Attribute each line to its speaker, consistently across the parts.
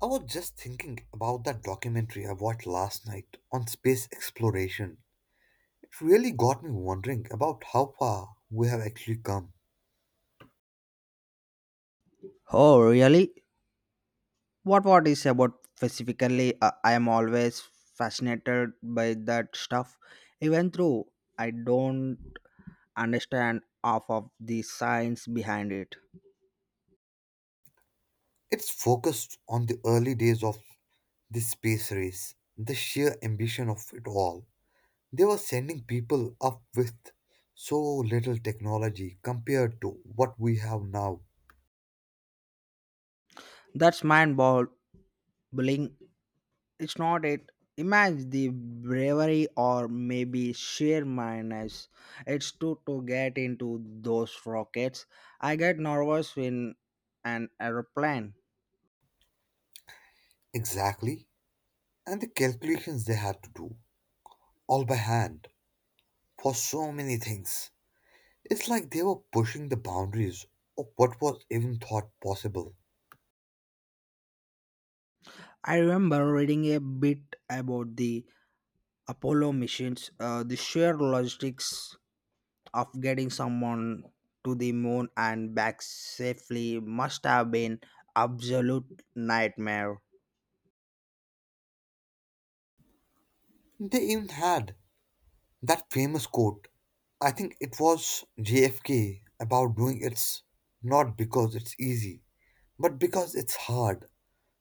Speaker 1: I was just thinking about that documentary I watched last night on space exploration. It really got me wondering about how far we have actually come.
Speaker 2: Oh, really? What is about specifically? I am always fascinated by that stuff. Even though I don't understand half of the science behind it.
Speaker 1: It's focused on the early days of the space race, the sheer ambition of it all. They were sending people up with so little technology compared to what we have now.
Speaker 2: That's mind-boggling. It's not it. Imagine the bravery or maybe sheer madness it's to get into those rockets. I get nervous in an aeroplane.
Speaker 1: Exactly. And the calculations they had to do, all by hand, for so many things. It's like they were pushing the boundaries of what was even thought possible.
Speaker 2: I remember reading a bit about the Apollo missions, the sheer logistics of getting someone to the moon and back safely must have been absolute nightmare.
Speaker 1: They even had that famous quote, I think it was JFK, about doing it's not because it's easy, but because it's hard.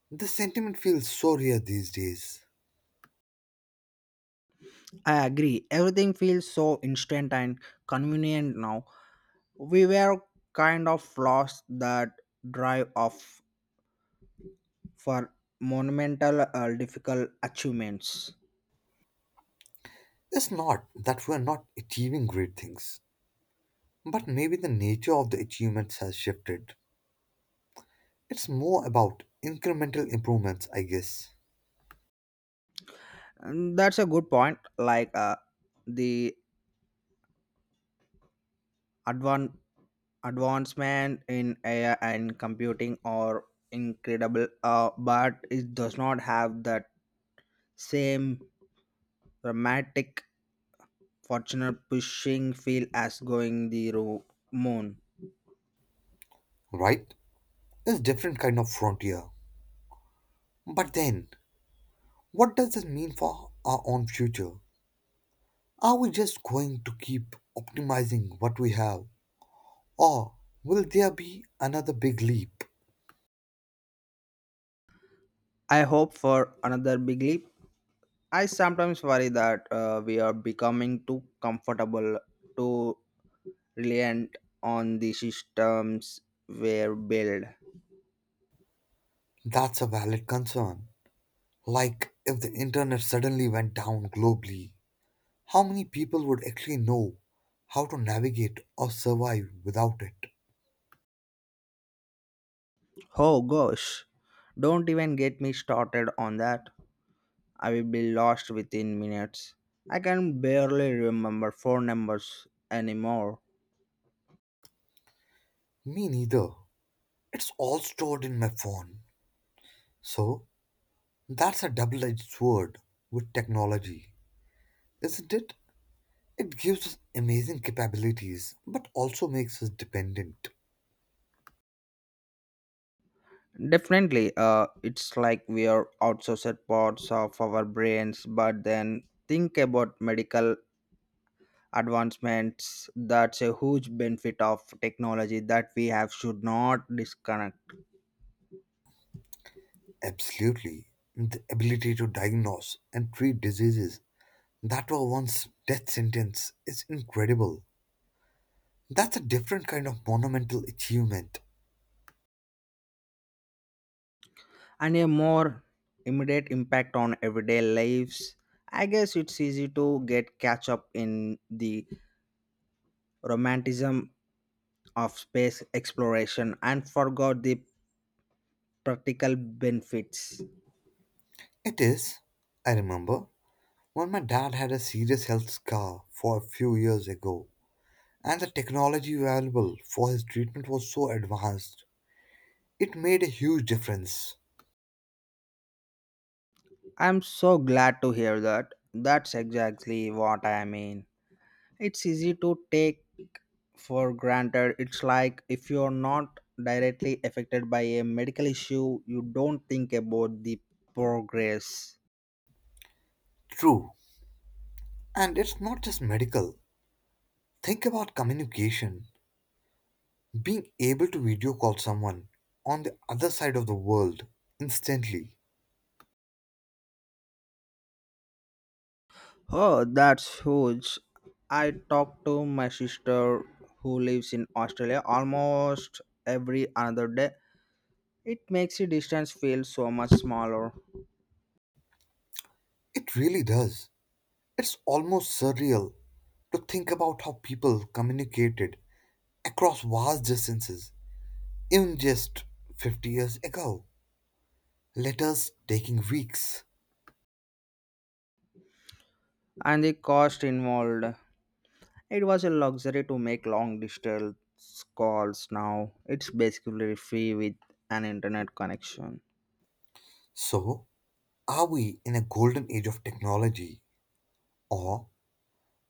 Speaker 1: The sentiment feels so rare these days.
Speaker 2: I agree. Everything feels so instant and convenient now. We were kind of lost that drive of for monumental difficult achievements.
Speaker 1: It's not that we're not achieving great things, but maybe the nature of the achievements has shifted. It's more about incremental improvements, I guess.
Speaker 2: And that's a good point. Like the advance advancement in AI and computing are incredible, but it does not have that same dramatic, fortunate pushing feel as going the moon.
Speaker 1: Right? It's different kind of frontier. But then, what does this mean for our own future? Are we just going to keep optimizing what we have? Or will there be another big leap?
Speaker 2: I hope for another big leap. I sometimes worry that we are becoming too comfortable, too reliant on the systems we build.
Speaker 1: That's a valid concern. Like if the internet suddenly went down globally, how many people would actually know how to navigate or survive without it?
Speaker 2: Oh gosh, don't even get me started on that. I will be lost within minutes. I can barely remember phone numbers anymore.
Speaker 1: Me neither. It's all stored in my phone. So that's a double edged sword with technology, isn't it? It gives us amazing capabilities, but also makes us dependent.
Speaker 2: Definitely, it's like we are outsourced parts of our brains, but then think about medical advancements. That's a huge benefit of technology that we have should not disconnect.
Speaker 1: Absolutely. The ability to diagnose and treat diseases that were once death sentence is incredible. That's a different kind of monumental achievement.
Speaker 2: And a more immediate impact on everyday lives. I guess it's easy to get catch up in the romanticism of space exploration and forgot the practical benefits.
Speaker 1: It is. I remember when my dad had a serious health scar for a few years ago, and the technology available for his treatment was so advanced. It made a huge difference.
Speaker 2: I'm so glad to hear that. That's exactly what I mean. It's easy to take for granted. It's like if you're not directly affected by a medical issue, you don't think about the progress.
Speaker 1: True. And it's not just medical. Think about communication. Being able to video call someone on the other side of the world instantly.
Speaker 2: Oh, that's huge. I talk to my sister who lives in Australia almost every another day. It makes the distance feel so much smaller
Speaker 1: It really does. It's almost surreal to think about how people communicated across vast distances even just 50 years ago. Letters taking weeks.
Speaker 2: and the cost involved. It was a luxury to make long distance calls now. It's basically free with an internet connection.
Speaker 1: So, are we in a golden age of technology, or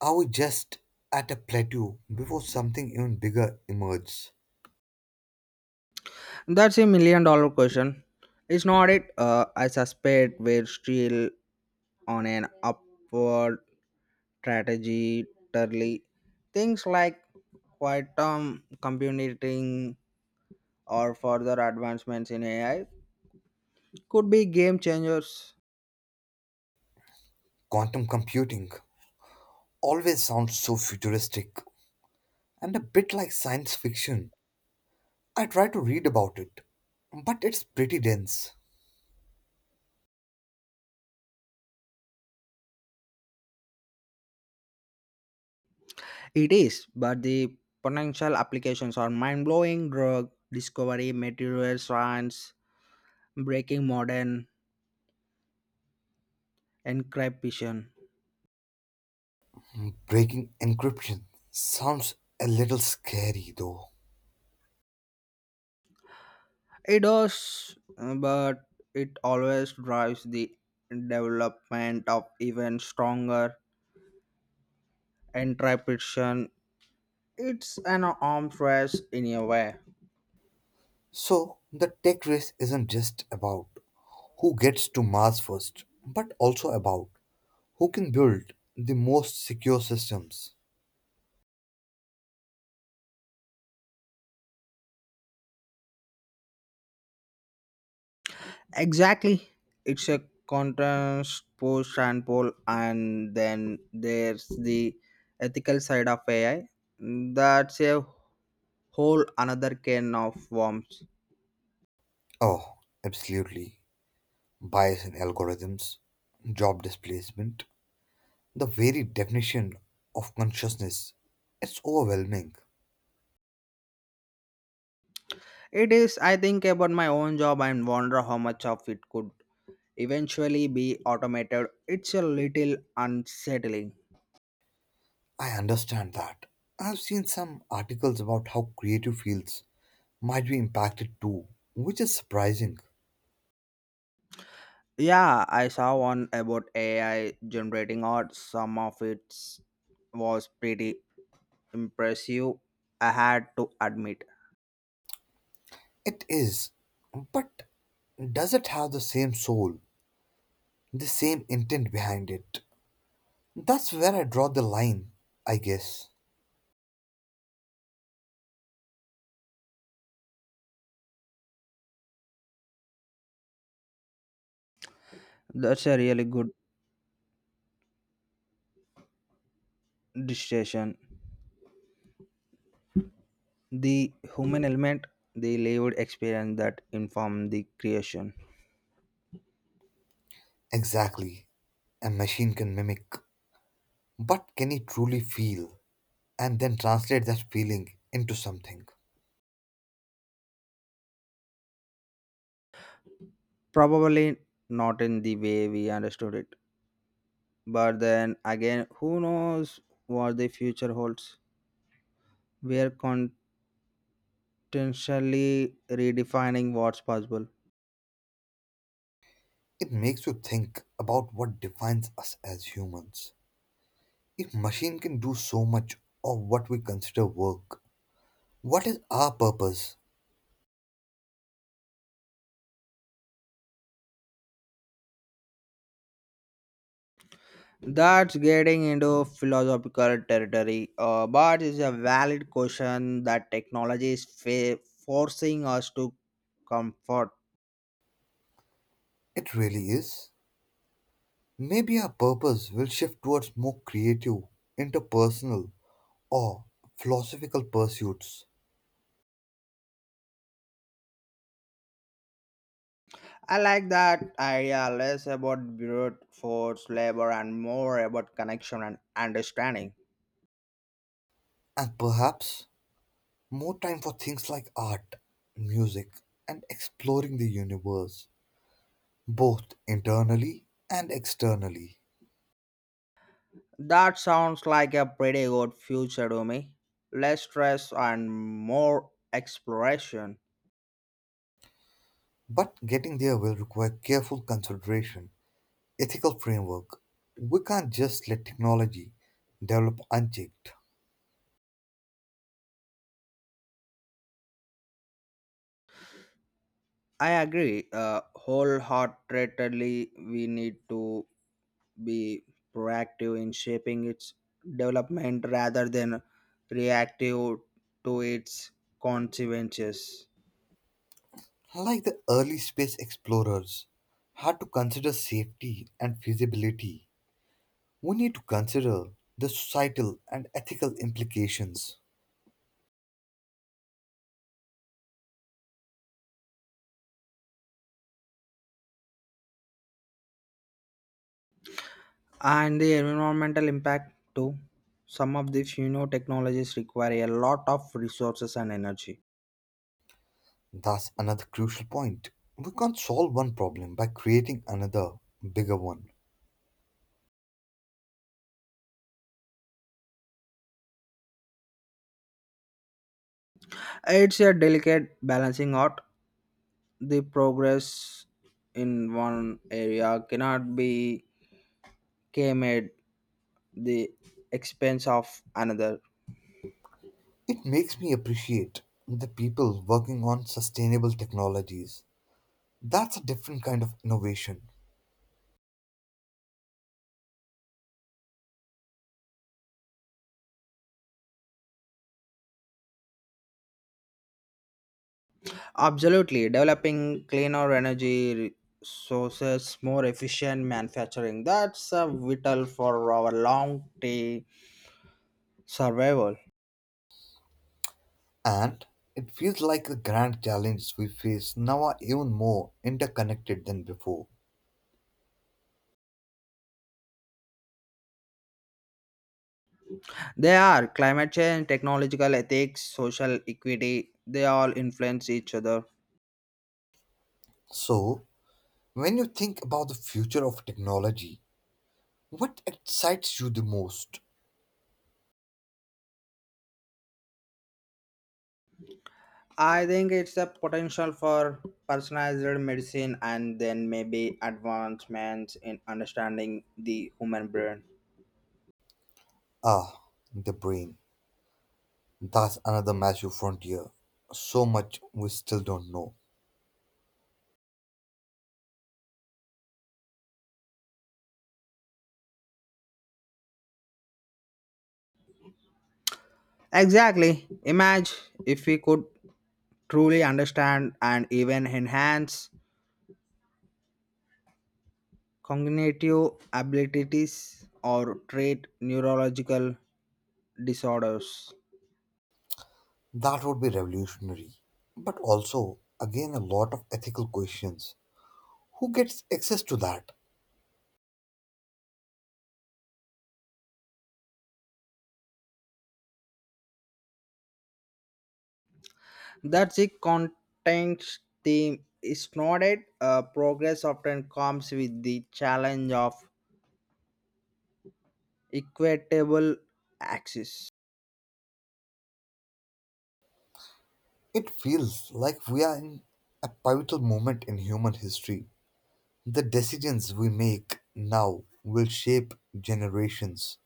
Speaker 1: are we just at a plateau before something even bigger emerges?
Speaker 2: That's a million dollar question. It's not it. I suspect we're still on an upward strategy. Totally. Things like quantum computing or further advancements in AI could be game changers.
Speaker 1: Quantum computing always sounds so futuristic and a bit like science fiction. I try to read about it, but it's pretty dense.
Speaker 2: It is, but the potential applications are mind blowing drug discovery, material science, breaking modern encryption.
Speaker 1: Breaking encryption sounds a little scary though.
Speaker 2: It does, but it always drives the development of even stronger encryption. It's an arms race in a way.
Speaker 1: So, the tech race isn't just about who gets to Mars first, but also about who can build the most secure systems.
Speaker 2: Exactly. It's a contest push and pull, and then there's the ethical side of AI. That's a whole another can of worms.
Speaker 1: Oh, absolutely. Bias in algorithms, job displacement, the very definition of consciousness, it's overwhelming.
Speaker 2: It is, I think, about my own job and wonder how much of it could eventually be automated. It's a little unsettling.
Speaker 1: I understand that. I've seen some articles about how creative fields might be impacted too, which is surprising.
Speaker 2: Yeah, I saw one about AI generating art. Some of it was pretty impressive, I had to admit.
Speaker 1: It is. But does it have the same soul, the same intent behind it? That's where I draw the line, I guess.
Speaker 2: That's a really good distinction. The human element, the lived experience that informed the creation.
Speaker 1: Exactly. A machine can mimic, but can it truly feel and then translate that feeling into something?
Speaker 2: Probably not in the way we understood it. But then again, who knows what the future holds? We are constantly redefining what's possible.
Speaker 1: It makes you think about what defines us as humans. If machine can do so much of what we consider work, what is our purpose?
Speaker 2: That's getting into philosophical territory, but it's a valid question that technology is forcing us to comfort.
Speaker 1: It really is. Maybe our purpose will shift towards more creative, interpersonal, or philosophical pursuits,
Speaker 2: I like that idea less about brute force labor and more about connection and understanding.
Speaker 1: and perhaps more time for things like art, music, and exploring the universe, both internally and externally.
Speaker 2: That sounds like a pretty good future to me. Less stress and more exploration.
Speaker 1: But getting there will require careful consideration ethical framework. We can't just let technology develop unchecked.
Speaker 2: I agree wholeheartedly. We need to be proactive in shaping its development rather than reactive to its consequences.
Speaker 1: Like the early space explorers had to consider safety and feasibility, we need to consider the societal and ethical implications.
Speaker 2: And the environmental impact too. Some of these new technologies require a lot of resources and energy.
Speaker 1: That's another crucial point. We can't solve one problem by creating another, bigger one.
Speaker 2: It's a delicate balancing act the progress in one area cannot be came at the expense of another
Speaker 1: It makes me appreciate the people working on sustainable technologies. That's a different kind of innovation.
Speaker 2: absolutely developing cleaner energy sources more efficient manufacturing that's a vital for our long day survival
Speaker 1: And it feels like the grand challenges we face now are even more interconnected than before.
Speaker 2: they are climate change technological ethics social equity they all influence each other.
Speaker 1: So, when you think about the future of technology, what excites you the most?
Speaker 2: I think it's a potential for personalized medicine and then maybe advancements in understanding the human brain.
Speaker 1: Ah, the brain. That's another massive frontier. So much we still don't know.
Speaker 2: Exactly. Imagine if we could truly understand and even enhance cognitive abilities or treat neurological disorders.
Speaker 1: That would be revolutionary. But also, again, a lot of ethical questions. Who gets access to that?
Speaker 2: That's the content theme. It's not it. Progress often comes with the challenge of equitable access.
Speaker 1: It feels like we are in a pivotal moment in human history. The decisions we make now will shape generations.